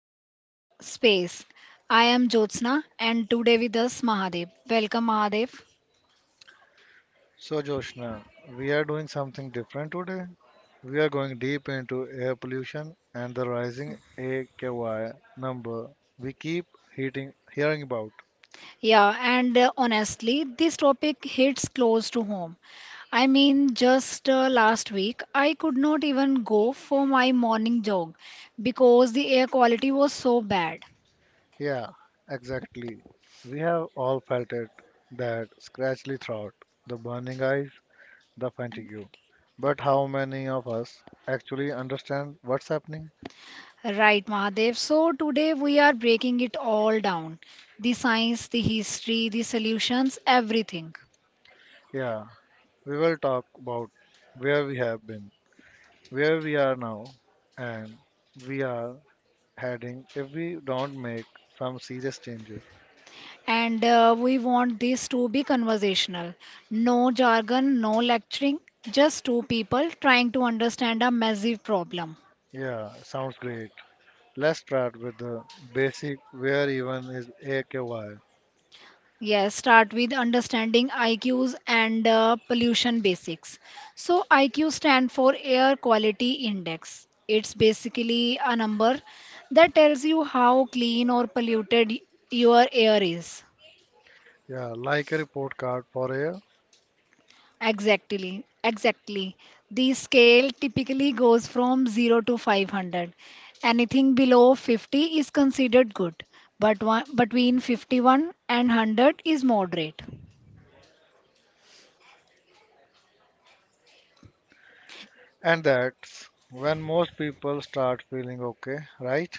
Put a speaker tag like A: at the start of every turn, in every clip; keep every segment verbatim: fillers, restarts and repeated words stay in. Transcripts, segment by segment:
A: Space. Space. I am Jyotsna and today with us Mahadev. Welcome Mahadev.
B: So, Joshna, we are doing something different today. We are going deep into air pollution and the rising A K Y number we keep heating, hearing about.
A: Yeah, and uh, honestly, this topic hits close to home. I mean, just uh, last week, I could not even go for my morning jog because the air quality was so bad.
B: Yeah, exactly. We have all felt it, that scratchy throat, the burning eyes, the fatigue. But how many of us actually understand what's happening?
A: Right, Mahadev. So today we are breaking it all down. The science, the history, the solutions, everything.
B: Yeah, we will talk about where we have been, where we are now, and we are heading if we don't make some serious changes.
A: And uh, we want this to be conversational. No jargon, no lecturing, just two people trying to understand a massive problem.
B: Yeah, sounds great. Let's start with the basic, where even is A K Y.
A: Yes, start with understanding I Qs and uh, pollution basics. So, I Q stand for Air Quality Index. It's basically a number that tells you how clean or polluted your air is.
B: Yeah, like a report card for a.
A: Exactly, exactly. The scale typically goes from zero to five hundred. Anything below fifty is considered good, but one, between fifty one and 100 is moderate.
B: And that's when most people start feeling okay, right?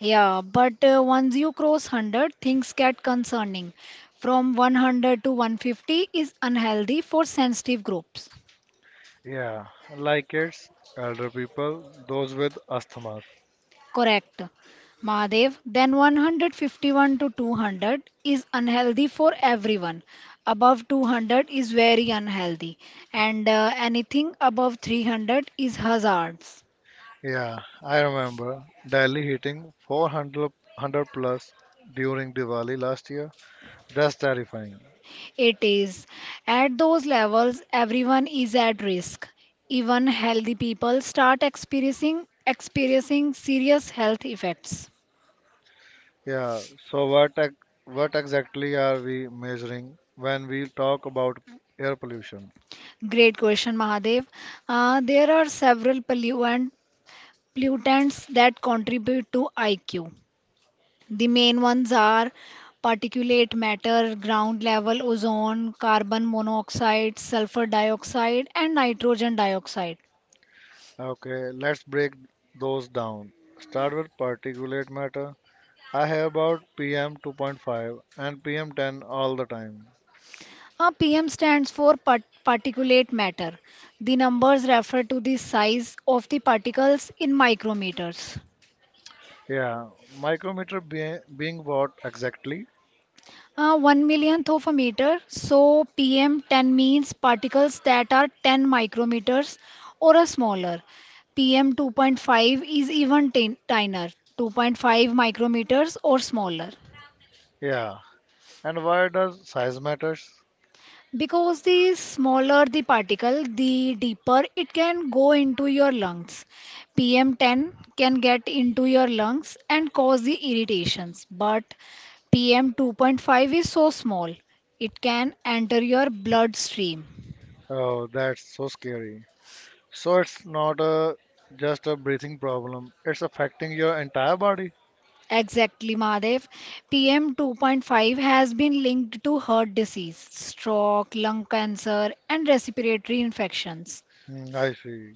A: Yeah, but uh, once you cross one hundred, things get concerning. From one hundred to one hundred fifty is unhealthy for sensitive groups.
B: Yeah, like it's elder people, those with asthma.
A: Correct. Mahadev, then one hundred fifty one to two hundred is unhealthy for everyone. Above two hundred is very unhealthy, and uh, anything above three hundred is hazards.
B: Yeah, I remember Delhi hitting 400 100 plus during Diwali last year. That's terrifying.
A: It is. At those levels, everyone is at risk. Even healthy people start experiencing experiencing serious health effects.
B: Yeah, so what ex- what exactly are we measuring when we talk about air pollution?
A: Great question, Mahadev. Uh, there are several polluant, pollutants that contribute to I Q. The main ones are particulate matter, ground level ozone, carbon monoxide, sulfur dioxide, and nitrogen dioxide.
B: Okay, let's break those down. Start with particulate matter. I hear about P M two point five and P M ten all the time.
A: A P M stands for part- particulate matter. The numbers refer to the size of the particles in micrometers.
B: Yeah, micrometer be- being what exactly?
A: Uh, one millionth of a meter. So P M ten means particles that are ten micrometers or a smaller. P M two point five is even tin- tinier, two point five micrometers or smaller.
B: Yeah, and why does size matters?
A: Because the smaller the particle, the deeper it can go into your lungs. P M ten can get into your lungs and cause the irritations, but P M two point five is so small, it can enter your bloodstream.
B: Oh, that's so scary. So it's not a just a breathing problem. It's affecting your entire body.
A: Exactly, Mahadev. P M two point five has been linked to heart disease, stroke, lung cancer, and respiratory infections
B: Hmm, I see.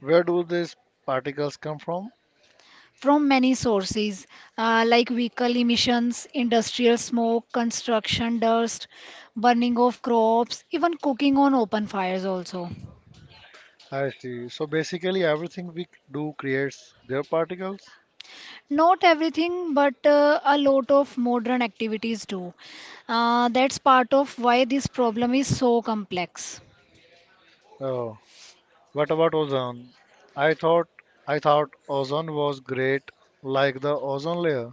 B: Where do these particles come from?
A: from many sources, uh, like vehicle emissions, industrial smoke, construction dust, burning of crops, even cooking on open fires also.
B: I see. So basically, everything we do creates their particles.
A: Not everything, but uh, a lot of modern activities do. Uh, that's part of why this problem is so complex.
B: Oh, what about ozone? I thought I thought ozone was great, like the ozone layer.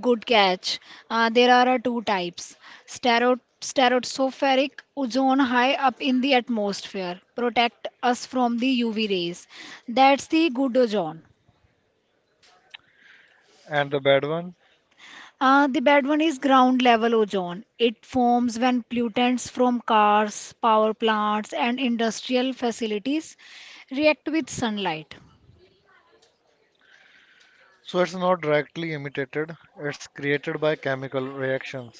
A: Good catch. Uh, there are uh, two types. Stero- Stratospheric ozone high up in the atmosphere protect us from the U V rays. That's the good ozone.
B: And the bad one?
A: Uh, the bad one is ground level ozone. It forms when pollutants from cars, power plants, and industrial facilities react with sunlight.
B: So it's not directly imitated; it's created by chemical reactions.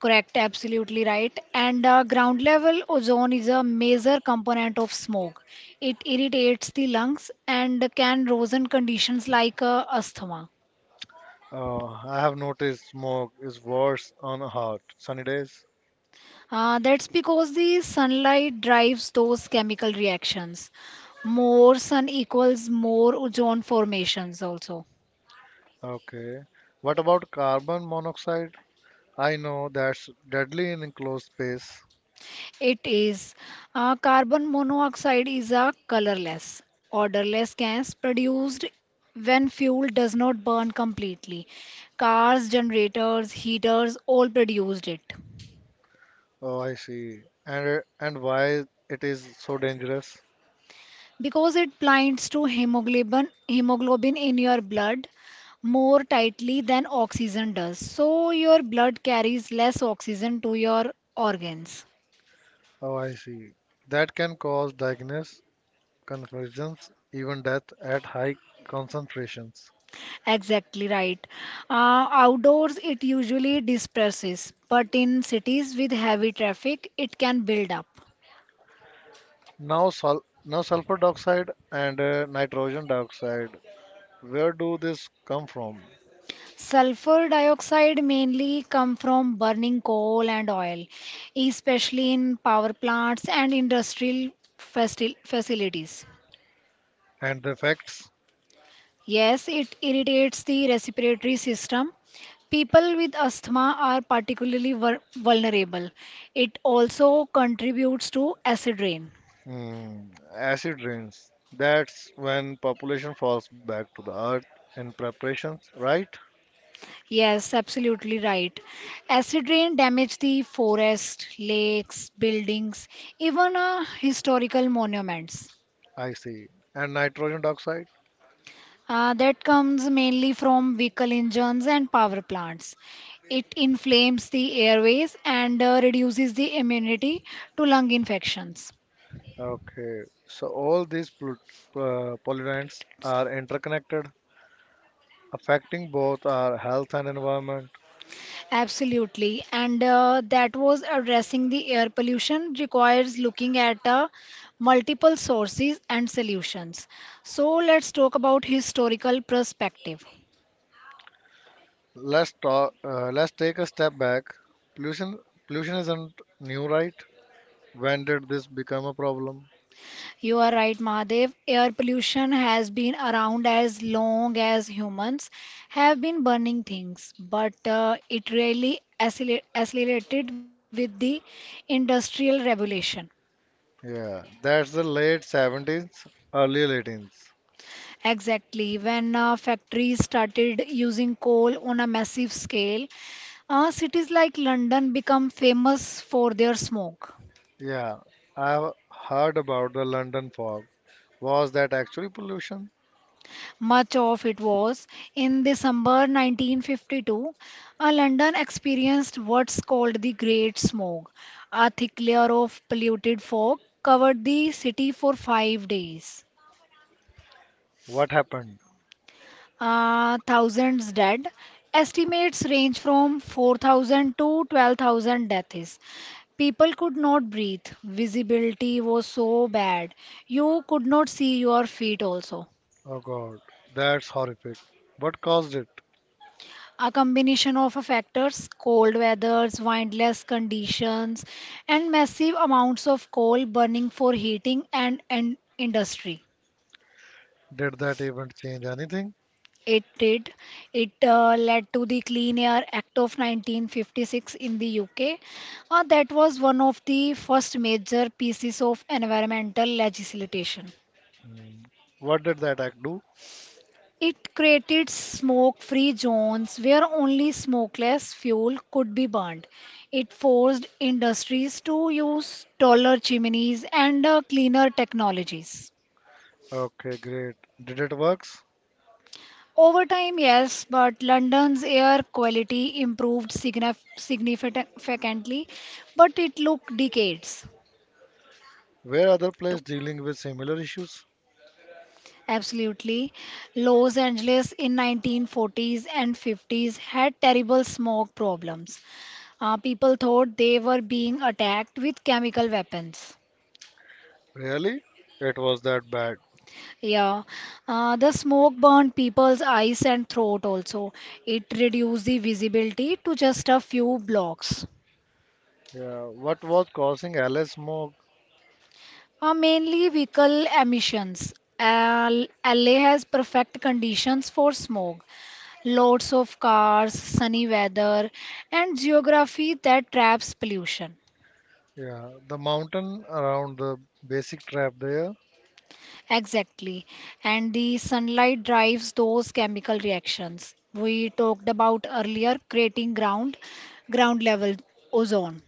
A: Correct, absolutely right. And uh, ground level ozone is a major component of smoke. It irritates the lungs and can worsen conditions like uh, asthma.
B: Oh. I have noticed smoke is worse on hot, sunny days.
A: Uh, that's because the sunlight drives those chemical reactions. More sun equals more ozone formations also.
B: Okay. What about carbon monoxide? I know that's deadly in enclosed space.
A: It is. Uh, carbon monoxide is a colorless, odorless gas produced when fuel does not burn completely. Cars, generators, heaters all produced it.
B: Oh, I see. And uh, and why it is so dangerous?
A: Because it binds to hemoglobin, hemoglobin in your blood more tightly than oxygen does. So your blood carries less oxygen to your organs.
B: Oh, I see. That can cause diagnosis, confusions, even death at high concentrations.
A: Exactly right. Uh, outdoors, it usually disperses, but in cities with heavy traffic, it can build up.
B: Now, sul now sulfur dioxide and uh, nitrogen dioxide. Where do this come from?
A: Sulfur dioxide mainly come from burning coal and oil, especially in power plants and industrial faci- facilities.
B: And the effects?
A: Yes, it irritates the respiratory system. People with asthma are particularly vul- vulnerable. It also contributes to acid rain.
B: Hmm, acid rains. That's when population falls back to the earth in preparations, right?
A: Yes, absolutely right. Acid rain damaged the forest, lakes, buildings, even uh, historical monuments.
B: I see. And nitrogen dioxide?
A: Uh, that comes mainly from vehicle engines and power plants. It inflames the airways and uh, reduces the immunity to lung infections.
B: Okay, so all these pol- uh, pollutants are interconnected, affecting both our health and environment.
A: Absolutely. And uh, that was addressing the air pollution requires looking at uh, multiple sources and solutions. So let's talk about historical perspective.
B: Let's talk. Uh, let's take a step back. Pollution, pollution isn't new, right? When did this become a problem?
A: You are right, Mahadev. Air pollution has been around as long as humans have been burning things, but uh, it really acceler- accelerated with the industrial revolution.
B: Yeah, that's the late seventies, early eighteens.
A: Exactly. When uh, factories started using coal on a massive scale, Uh, cities like London become famous for their smoke.
B: Yeah, I've heard about the London fog. Was that actually pollution?
A: Much of it was. In December nineteen fifty two, uh, London experienced what's called the Great Smoke. A thick layer of polluted fog covered the city for five days.
B: What happened?
A: Uh, thousands dead. Estimates range from four thousand to twelve thousand deaths. People could not breathe. Visibility was so bad. You could not see your feet also.
B: Oh God, that's horrific. What caused it?
A: A combination of factors, cold weathers, windless conditions, and massive amounts of coal burning for heating and, and industry.
B: Did that event change anything?
A: It did. It uh, led to the Clean Air Act of nineteen fifty six in the U K. Uh, that was one of the first major pieces of environmental legislation.
B: What did that act do?
A: It created smoke free zones where only smokeless fuel could be burned. It forced industries to use taller chimneys and uh, cleaner technologies.
B: Okay, great. Did it works?
A: Over time, yes, but London's air quality improved signif- significantly, but it took decades.
B: Were other players
A: Took-
B: dealing with similar issues?
A: Absolutely. Los Angeles in nineteen forties and fifties had terrible smoke problems. Uh, people thought they were being attacked with chemical weapons.
B: Really? It was that bad.
A: Yeah, uh, the smoke burned people's eyes and throat also. It reduced the visibility to just a few blocks.
B: Yeah. What was causing Alice smoke?
A: Uh, mainly vehicle emissions. Al- L A has perfect conditions for smog, lots of cars, sunny weather, and geography that traps pollution.
B: Yeah. The mountain around the basic trap there.
A: Exactly. And the sunlight drives those chemical reactions we talked about earlier, creating ground ground level ozone.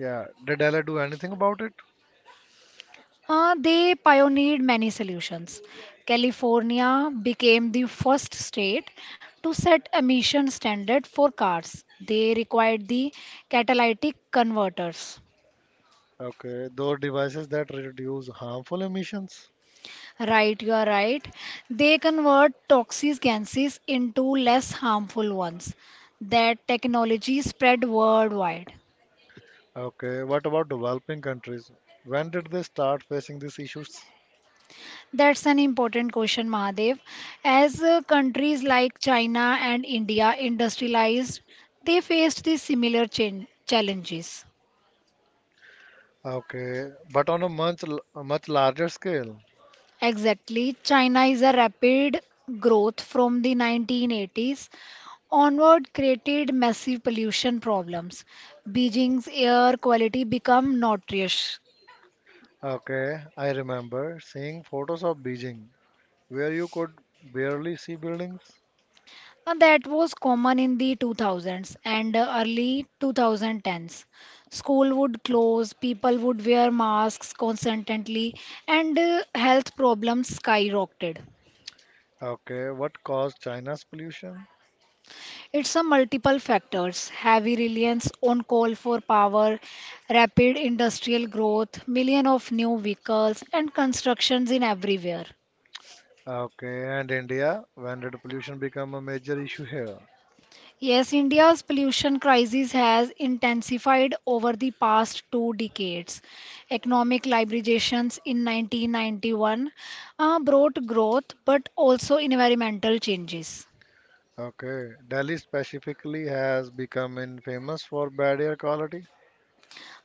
B: Yeah. Did Alice do anything about it?
A: Uh, they pioneered many solutions. California became the first state to set emission standard for cars. They required the catalytic converters.
B: Okay. Those devices that reduce harmful emissions.
A: Right, you are right. They convert toxic gases into less harmful ones. That technology spread worldwide.
B: Okay. What about developing countries? When did they start facing these issues?
A: That's an important question, Mahadev. As uh, countries like China and India industrialized, they faced the similar chan- challenges.
B: Okay. But on a much l- a much larger scale.
A: Exactly, China is a rapid growth from the nineteen eighties onward created massive pollution problems. Beijing's air quality became notorious.
B: Okay, I remember seeing photos of Beijing where you could barely see buildings.
A: Uh, That was common in the two thousands and uh, early twenty tens. School would close, people would wear masks constantly, and uh, health problems skyrocketed.
B: Okay, what caused China's pollution?
A: It's a multiple factors, heavy reliance on coal for power, rapid industrial growth, million of new vehicles, and constructions in everywhere.
B: Okay, and India, when did pollution become a major issue here?
A: Yes, India's pollution crisis has intensified over the past two decades. Economic liberalizations in nineteen ninety one uh, brought growth but also environmental changes.
B: Okay, Delhi specifically has become infamous for bad air quality.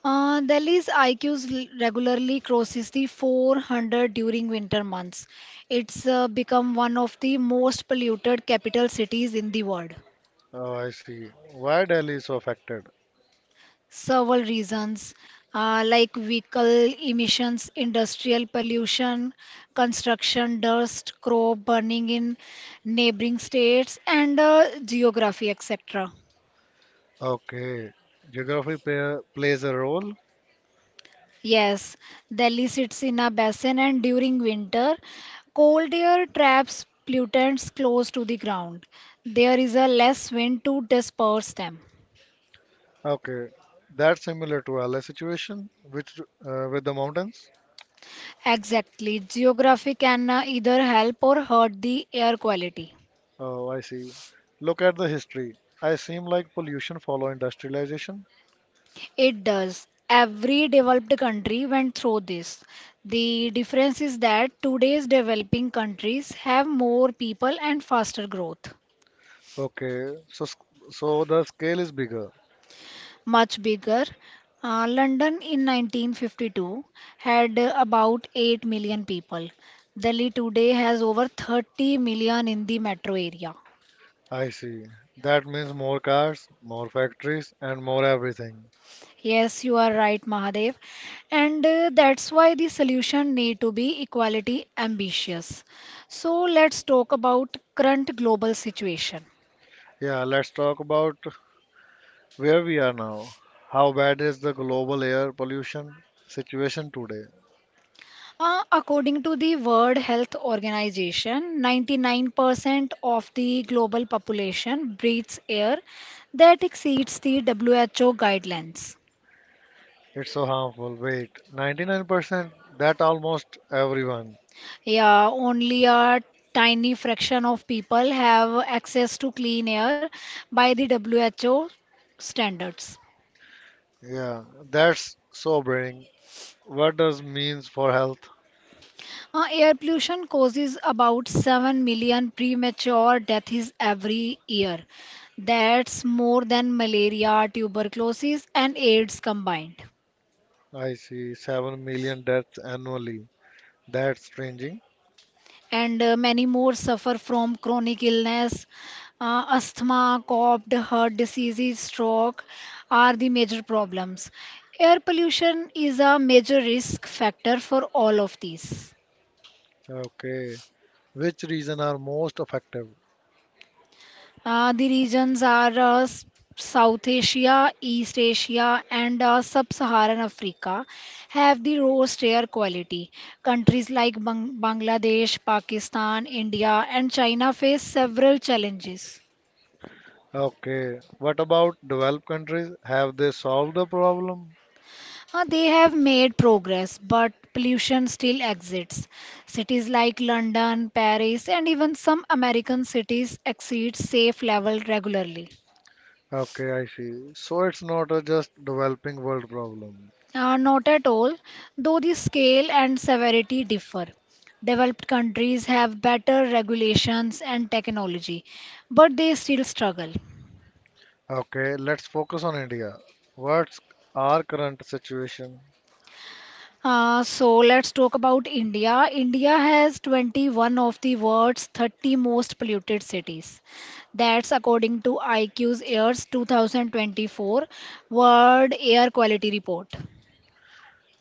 A: Uh, Delhi's I Qs l- regularly crosses the four hundred during winter months. It's uh, become one of the most polluted capital cities in the world.
B: Oh, I see. Why Delhi is so affected?
A: Several reasons, uh, like vehicle emissions, industrial pollution, construction dust, crop burning in neighboring states, and uh, geography, et cetera.
B: Okay, geography play, plays a role.
A: Yes, Delhi sits in a basin, and during winter, cold air traps pollutants close to the ground. There is a less wind to disperse them.
B: Okay, that's similar to L A situation, which uh, with the mountains.
A: Exactly, geography can uh, either help or hurt the air quality.
B: Oh, I see. Look at the history. I seem like pollution follow industrialization.
A: It does. Every developed country went through this. The difference is that today's developing countries have more people and faster growth.
B: Okay, so sc- so the scale is bigger.
A: Much bigger. Uh, London in nineteen fifty two had uh, about eight million people. Delhi today has over thirty million in the metro area.
B: I see. That means more cars, more factories, and more everything.
A: Yes, you are right, Mahadev. And uh, that's why the solution need to be equality ambitious. So let's talk about current global situation.
B: Yeah, let's talk about where we are now. How bad is the global air pollution situation today?
A: Uh, according to the World Health Organization, ninety nine percent of the global population breathes air that exceeds the W H O guidelines.
B: It's so harmful. Wait, ninety-nine percent? That almost everyone.
A: Yeah, only a tiny fraction of people have access to clean air by the W H O standards.
B: Yeah, that's sobering. What does means for health?
A: Uh, air pollution causes about seven million premature deaths every year. That's more than malaria, tuberculosis, and AIDS combined.
B: I see, seven million deaths annually. That's strange.
A: And uh, many more suffer from chronic illness. Uh, asthma, cough, heart diseases, stroke are the major problems. Air pollution is a major risk factor for all of these.
B: Okay. Which region are most affected?
A: Uh, the regions are uh, S- South Asia, East Asia, and uh, Sub-Saharan Africa have the lowest air quality. Countries like Bang- Bangladesh, Pakistan, India, and China face several challenges.
B: Okay. What about developed countries? Have they solved the problem?
A: Uh, they have made progress, but pollution still exists. Cities like London, Paris, and even some American cities exceed safe level regularly.
B: Okay, I see. So it's not a just developing world problem.
A: Uh, not at all, though the scale and severity differ. Developed countries have better regulations and technology, but they still struggle.
B: Okay, let's focus on India. What's our current situation?
A: Uh, so let's talk about India. India has twenty one of the world's thirty most polluted cities. That's according to I Q's Airs two thousand twenty four World Air Quality Report.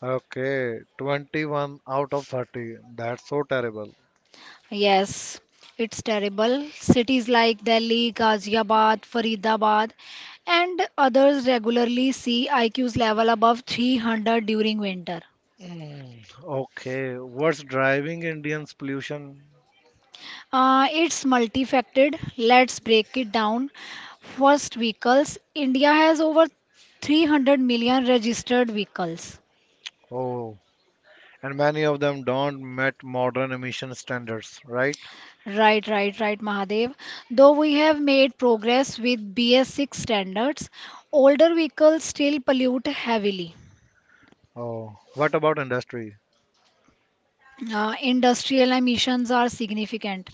B: Okay, twenty-one out of thirty. That's so terrible.
A: Yes, it's terrible. Cities like Delhi, Ghaziabad, Faridabad, and others regularly see I Q's level above three hundred during winter.
B: Mm. Okay, what's driving Indians' pollution?
A: Uh, it's multifaceted. Let's break it down. First, vehicles. India has over three hundred million registered vehicles.
B: Oh, and many of them don't meet modern emission standards, right?
A: Right, right, right, Mahadev. Though we have made progress with B S six standards, older vehicles still pollute heavily.
B: Oh, what about industry?
A: Uh, industrial emissions are significant.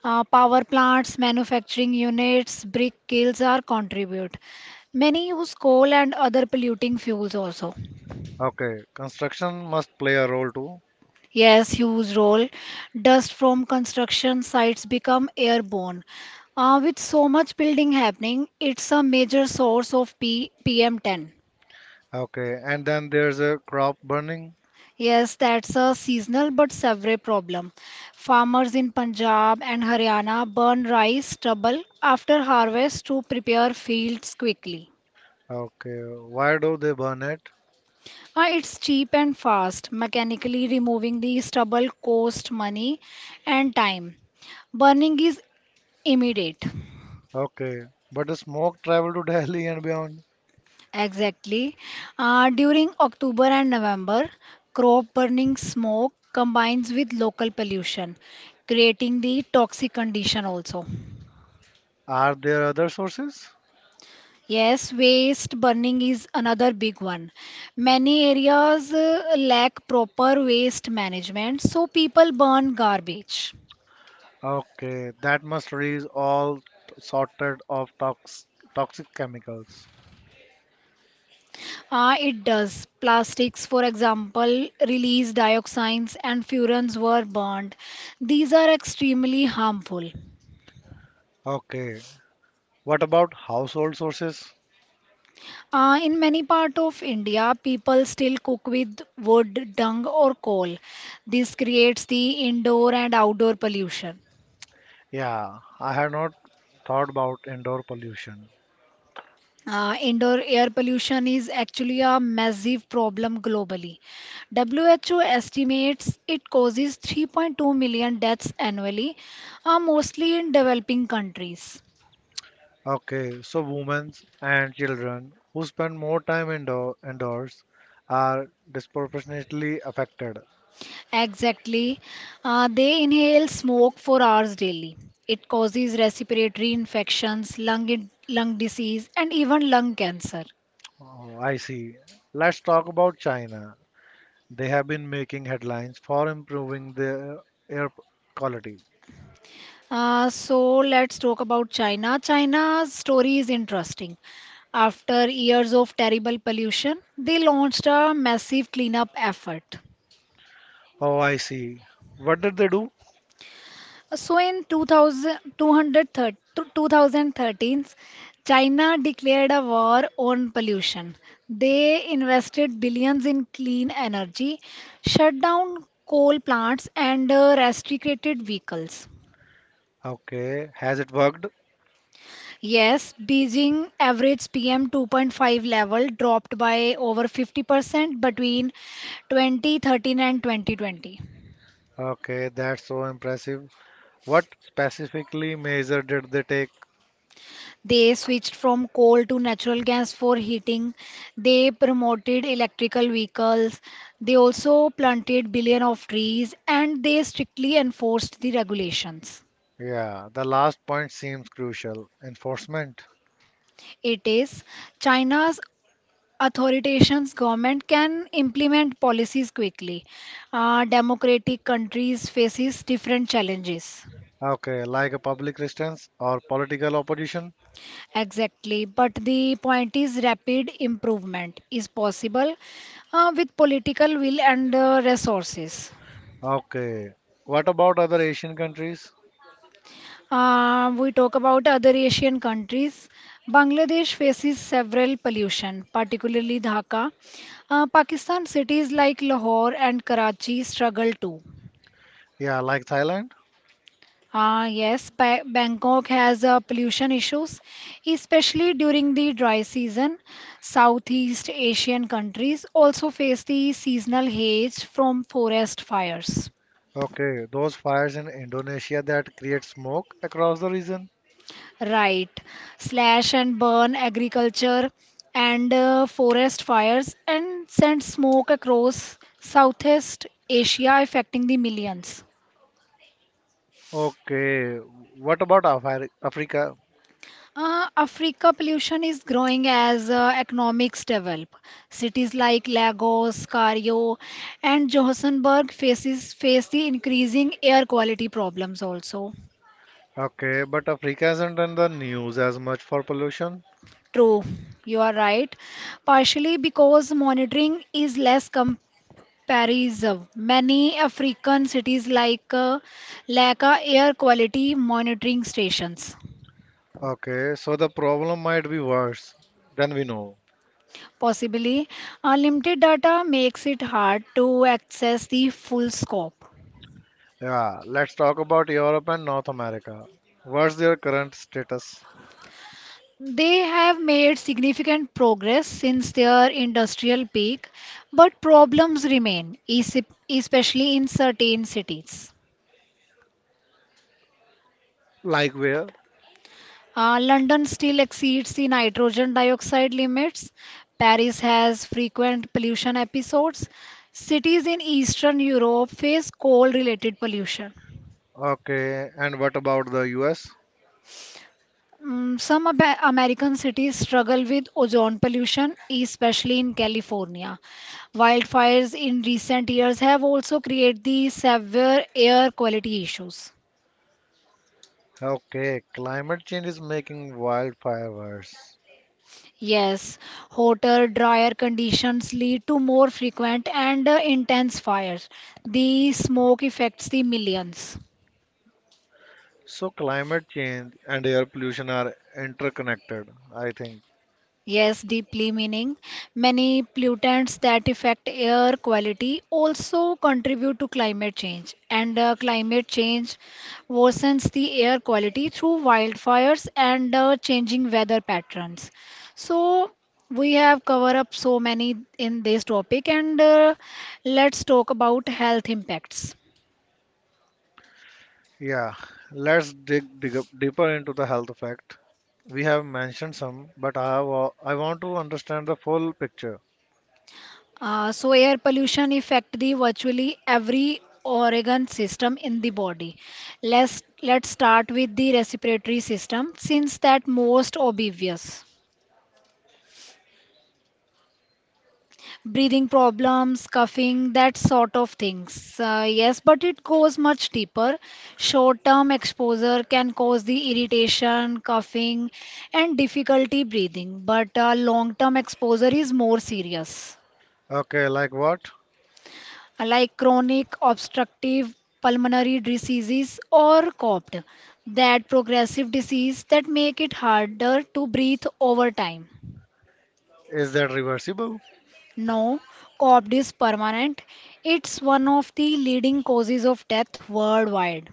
A: Uh, power plants, manufacturing units, brick kilns are contribute. Many use coal and other polluting fuels also.
B: Okay, construction must play a role too.
A: Yes, huge role. Dust from construction sites become airborne. Uh, with so much building happening, it's a major source of P PM10.
B: Okay, and then there's a crop burning.
A: Yes, that's a seasonal but severe problem. Farmers in Punjab and Haryana burn rice stubble after harvest to prepare fields quickly.
B: Okay, why do they burn it?
A: Uh, it's cheap and fast. Mechanically removing the stubble costs money and time. Burning is immediate.
B: Okay, but the smoke travel to Delhi and beyond.
A: Exactly. Uh, during October and November, crop burning smoke combines with local pollution, creating the toxic condition also.
B: Are there other sources?
A: Yes, waste burning is another big one. Many areas uh, lack proper waste management, so people burn garbage.
B: Okay, that must release all sorted of tox- toxic chemicals.
A: Uh, it does. Plastics, for example, release dioxins and furans were burned. These are extremely harmful.
B: Okay, what about household sources?
A: Uh, in many parts of India, people still cook with wood, dung, or coal. This creates the indoor and outdoor pollution.
B: Yeah, I have not thought about indoor pollution.
A: Uh, indoor air pollution is actually a massive problem globally. W H O estimates it causes three point two million deaths annually, uh, mostly in developing countries.
B: Okay, so women and children who spend more time indoor, indoors are disproportionately affected.
A: Exactly. Uh, they inhale smoke for hours daily. It causes respiratory infections, lung, in- lung disease, and even lung cancer.
B: Oh, I see. Let's talk about China. They have been making headlines for improving their air quality.
A: Uh, so let's talk about China. China's story is interesting. After years of terrible pollution, they launched a massive cleanup effort.
B: Oh, I see. What did they do?
A: So in two thousand, twenty thirteen, China declared a war on pollution. They invested billions in clean energy, shut down coal plants, and uh, restricted vehicles.
B: Okay, has it worked?
A: Yes, Beijing average P M two point five level dropped by over fifty percent between twenty thirteen and twenty twenty.
B: Okay, that's so impressive. What specifically measure did they take?
A: They switched from coal to natural gas for heating. They promoted electrical vehicles. They also planted billion of trees and they strictly enforced the regulations.
B: Yeah, the last point seems crucial. Enforcement.
A: It is China's authoritations government can implement policies quickly, uh, democratic countries faces different challenges.
B: Okay, like a public resistance or political opposition.
A: Exactly, but the point is rapid improvement is possible uh, with political will and uh, resources.
B: Okay. What about other Asian countries?
A: Uh, we talk about other Asian countries. Bangladesh faces several pollution, particularly Dhaka. uh, Pakistan cities like Lahore and Karachi struggle too.
B: Yeah, like Thailand.
A: Ah, yes, ba Bangkok has uh, pollution issues, especially during the dry season. Southeast Asian countries also face the seasonal haze from forest fires.
B: Okay, those fires in Indonesia that create smoke across the region.
A: Right, slash and burn agriculture and uh, forest fires and send smoke across Southeast Asia, affecting the millions.
B: Okay, what about Afri- Africa?
A: Uh, Africa pollution is growing as uh, economics develop. Cities like Lagos, Cairo, and Johannesburg faces face the increasing air quality problems also.
B: Okay, but Africa isn't in the news as much for pollution.
A: True, you are right. Partially because monitoring is less comparison. Many African cities like uh, lack a air quality monitoring stations.
B: Okay, so the problem might be worse than we know.
A: Possibly, uh, limited data makes it hard to access the full scope.
B: Yeah, let's talk about Europe and North America. What's their current status?
A: They have made significant progress since their industrial peak, but problems remain, esi- especially in certain cities.
B: Like where?
A: Uh, London still exceeds the nitrogen dioxide limits. Paris has frequent pollution episodes. Cities in Eastern Europe face coal related pollution.
B: Okay, and what about the U S?
A: Mm, some Ab- American cities struggle with ozone pollution, especially in California. Wildfires in recent years have also created the severe air quality issues.
B: Okay, climate change is making wildfire worse.
A: Yes, hotter, drier conditions lead to more frequent and uh, intense fires. The smoke affects the millions.
B: So, climate change and air pollution are interconnected, I think.
A: Yes, deeply meaning. Many pollutants that affect air quality also contribute to climate change, and uh, climate change worsens the air quality through wildfires and uh, changing weather patterns. So, we have covered up so many in this topic, and uh, let's talk about health impacts.
B: Yeah, let's dig, dig up deeper into the health effect. We have mentioned some, but I, wa- I want to understand the full picture.
A: Uh, so air pollution affect the virtually every organ system in the body. Let's let's start with the respiratory system since that most obvious. Breathing problems, coughing, that sort of things. Uh, yes, but it goes much deeper. Short-term exposure can cause the irritation, coughing, and difficulty breathing. But uh, long-term exposure is more serious.
B: Okay, like what?
A: Like chronic obstructive pulmonary diseases or C O P D, that progressive disease that make it harder to breathe over time.
B: Is that reversible?
A: No, C O P D is permanent. It's one of the leading causes of death worldwide.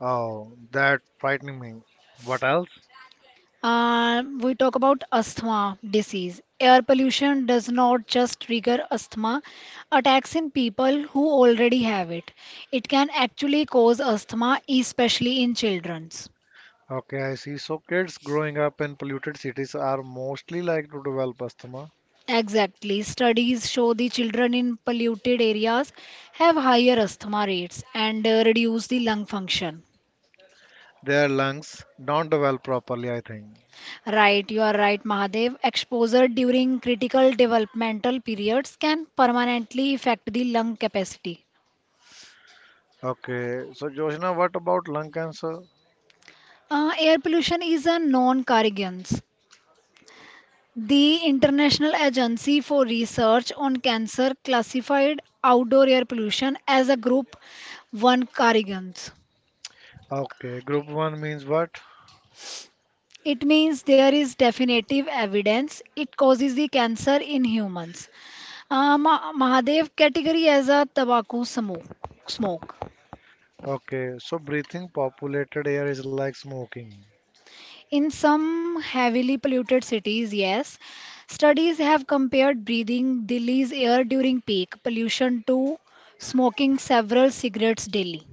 B: Oh, that frightening me. What else?
A: Uh, we talk about asthma disease. Air pollution does not just trigger asthma attacks in people who already have it. It can actually cause asthma, especially in children.
B: Okay, I see. So kids growing up in polluted cities are mostly likely to develop asthma.
A: Exactly. Studies show the children in polluted areas have higher asthma rates and uh, reduce the lung function.
B: Their lungs don't develop properly, I think.
A: Right, you are right, Mahadev. Exposure during critical developmental periods can permanently affect the lung capacity.
B: Okay, so Joshna, what about lung cancer?
A: Uh, air pollution is a non carcinogen. The International Agency for Research on Cancer classified outdoor air pollution as a group one carcinogen.
B: Okay, group one means what?
A: It means there is definitive evidence it causes the cancer in humans. Uh, Ma- Mahadev category as a tobacco smoke. Smoke.
B: Okay, so breathing populated air is like smoking.
A: In some heavily polluted cities, yes, studies have compared breathing Delhi's air during peak pollution to smoking several cigarettes daily.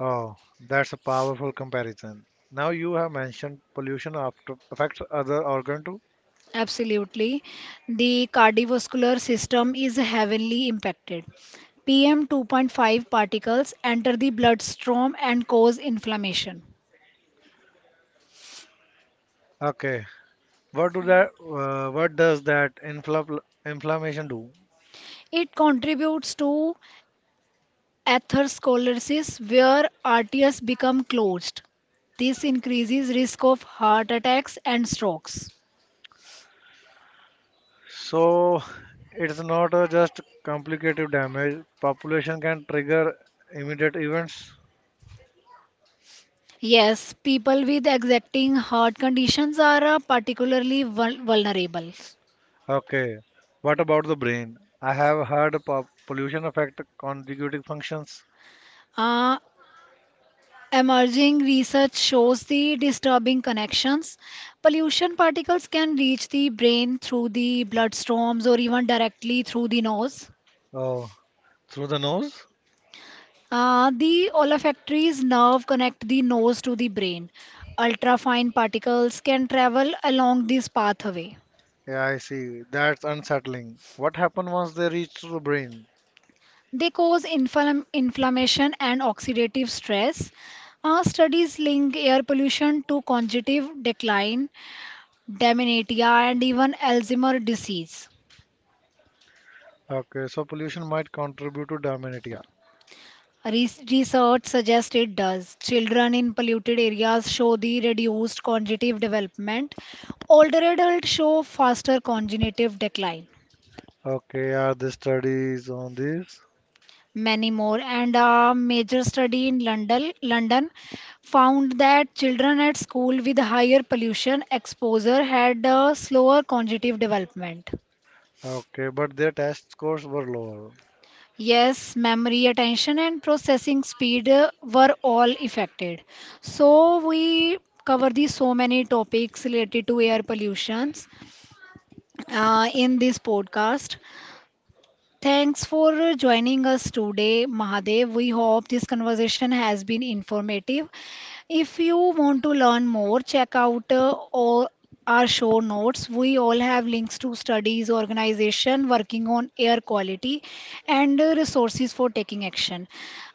B: Oh, that's a powerful comparison. Now you have mentioned pollution after affects other organ too.
A: Absolutely. The cardiovascular system is heavily impacted. P M two point five particles enter the bloodstream and cause inflammation.
B: Okay, what do that? Uh, what does that infl- inflammation do?
A: It contributes to atherosclerosis, where arteries become closed. This increases risk of heart attacks and strokes.
B: So it's not a just complicative damage. Population can trigger immediate events.
A: Yes, people with exacting heart conditions are uh, particularly vul- vulnerable.
B: Okay. What about the brain? I have heard po- pollution affect consecutive functions.
A: Uh, Emerging research shows the disturbing connections. Pollution particles can reach the brain through the bloodstreams or even directly through the nose.
B: Oh, through the nose?
A: Uh, the olfactory nerve connect the nose to the brain. Ultrafine particles can travel along this pathway.
B: Yeah, I see. That's unsettling. What happens once they reach to the brain?
A: They cause inflam- inflammation and oxidative stress. Uh, studies link air pollution to cognitive decline, dementia, and even Alzheimer's disease.
B: Okay, so pollution might contribute to dementia.
A: Re- Research suggests it does. Children in polluted areas show the reduced cognitive development. Older adults show faster cognitive decline.
B: Okay, are there studies on this?
A: Many more. And a major study in London, London found that children at school with higher pollution exposure had a slower cognitive development.
B: Okay, but their test scores were lower.
A: Yes, memory, attention, and processing speed uh, were all affected. So we cover the so many topics related to air pollutions uh, in this podcast. Thanks for uh, joining us today, Mahadev. We hope this conversation has been informative. If you want to learn more, check out uh, all our show notes. We all have links to studies, organization working on air quality, and uh, resources for taking action.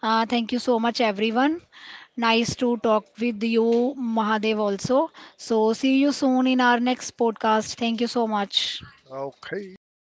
A: Uh, thank you so much, everyone. Nice to talk with you, Mahadev, also. So, see you soon in our next podcast. Thank you so much.
B: Okay, bye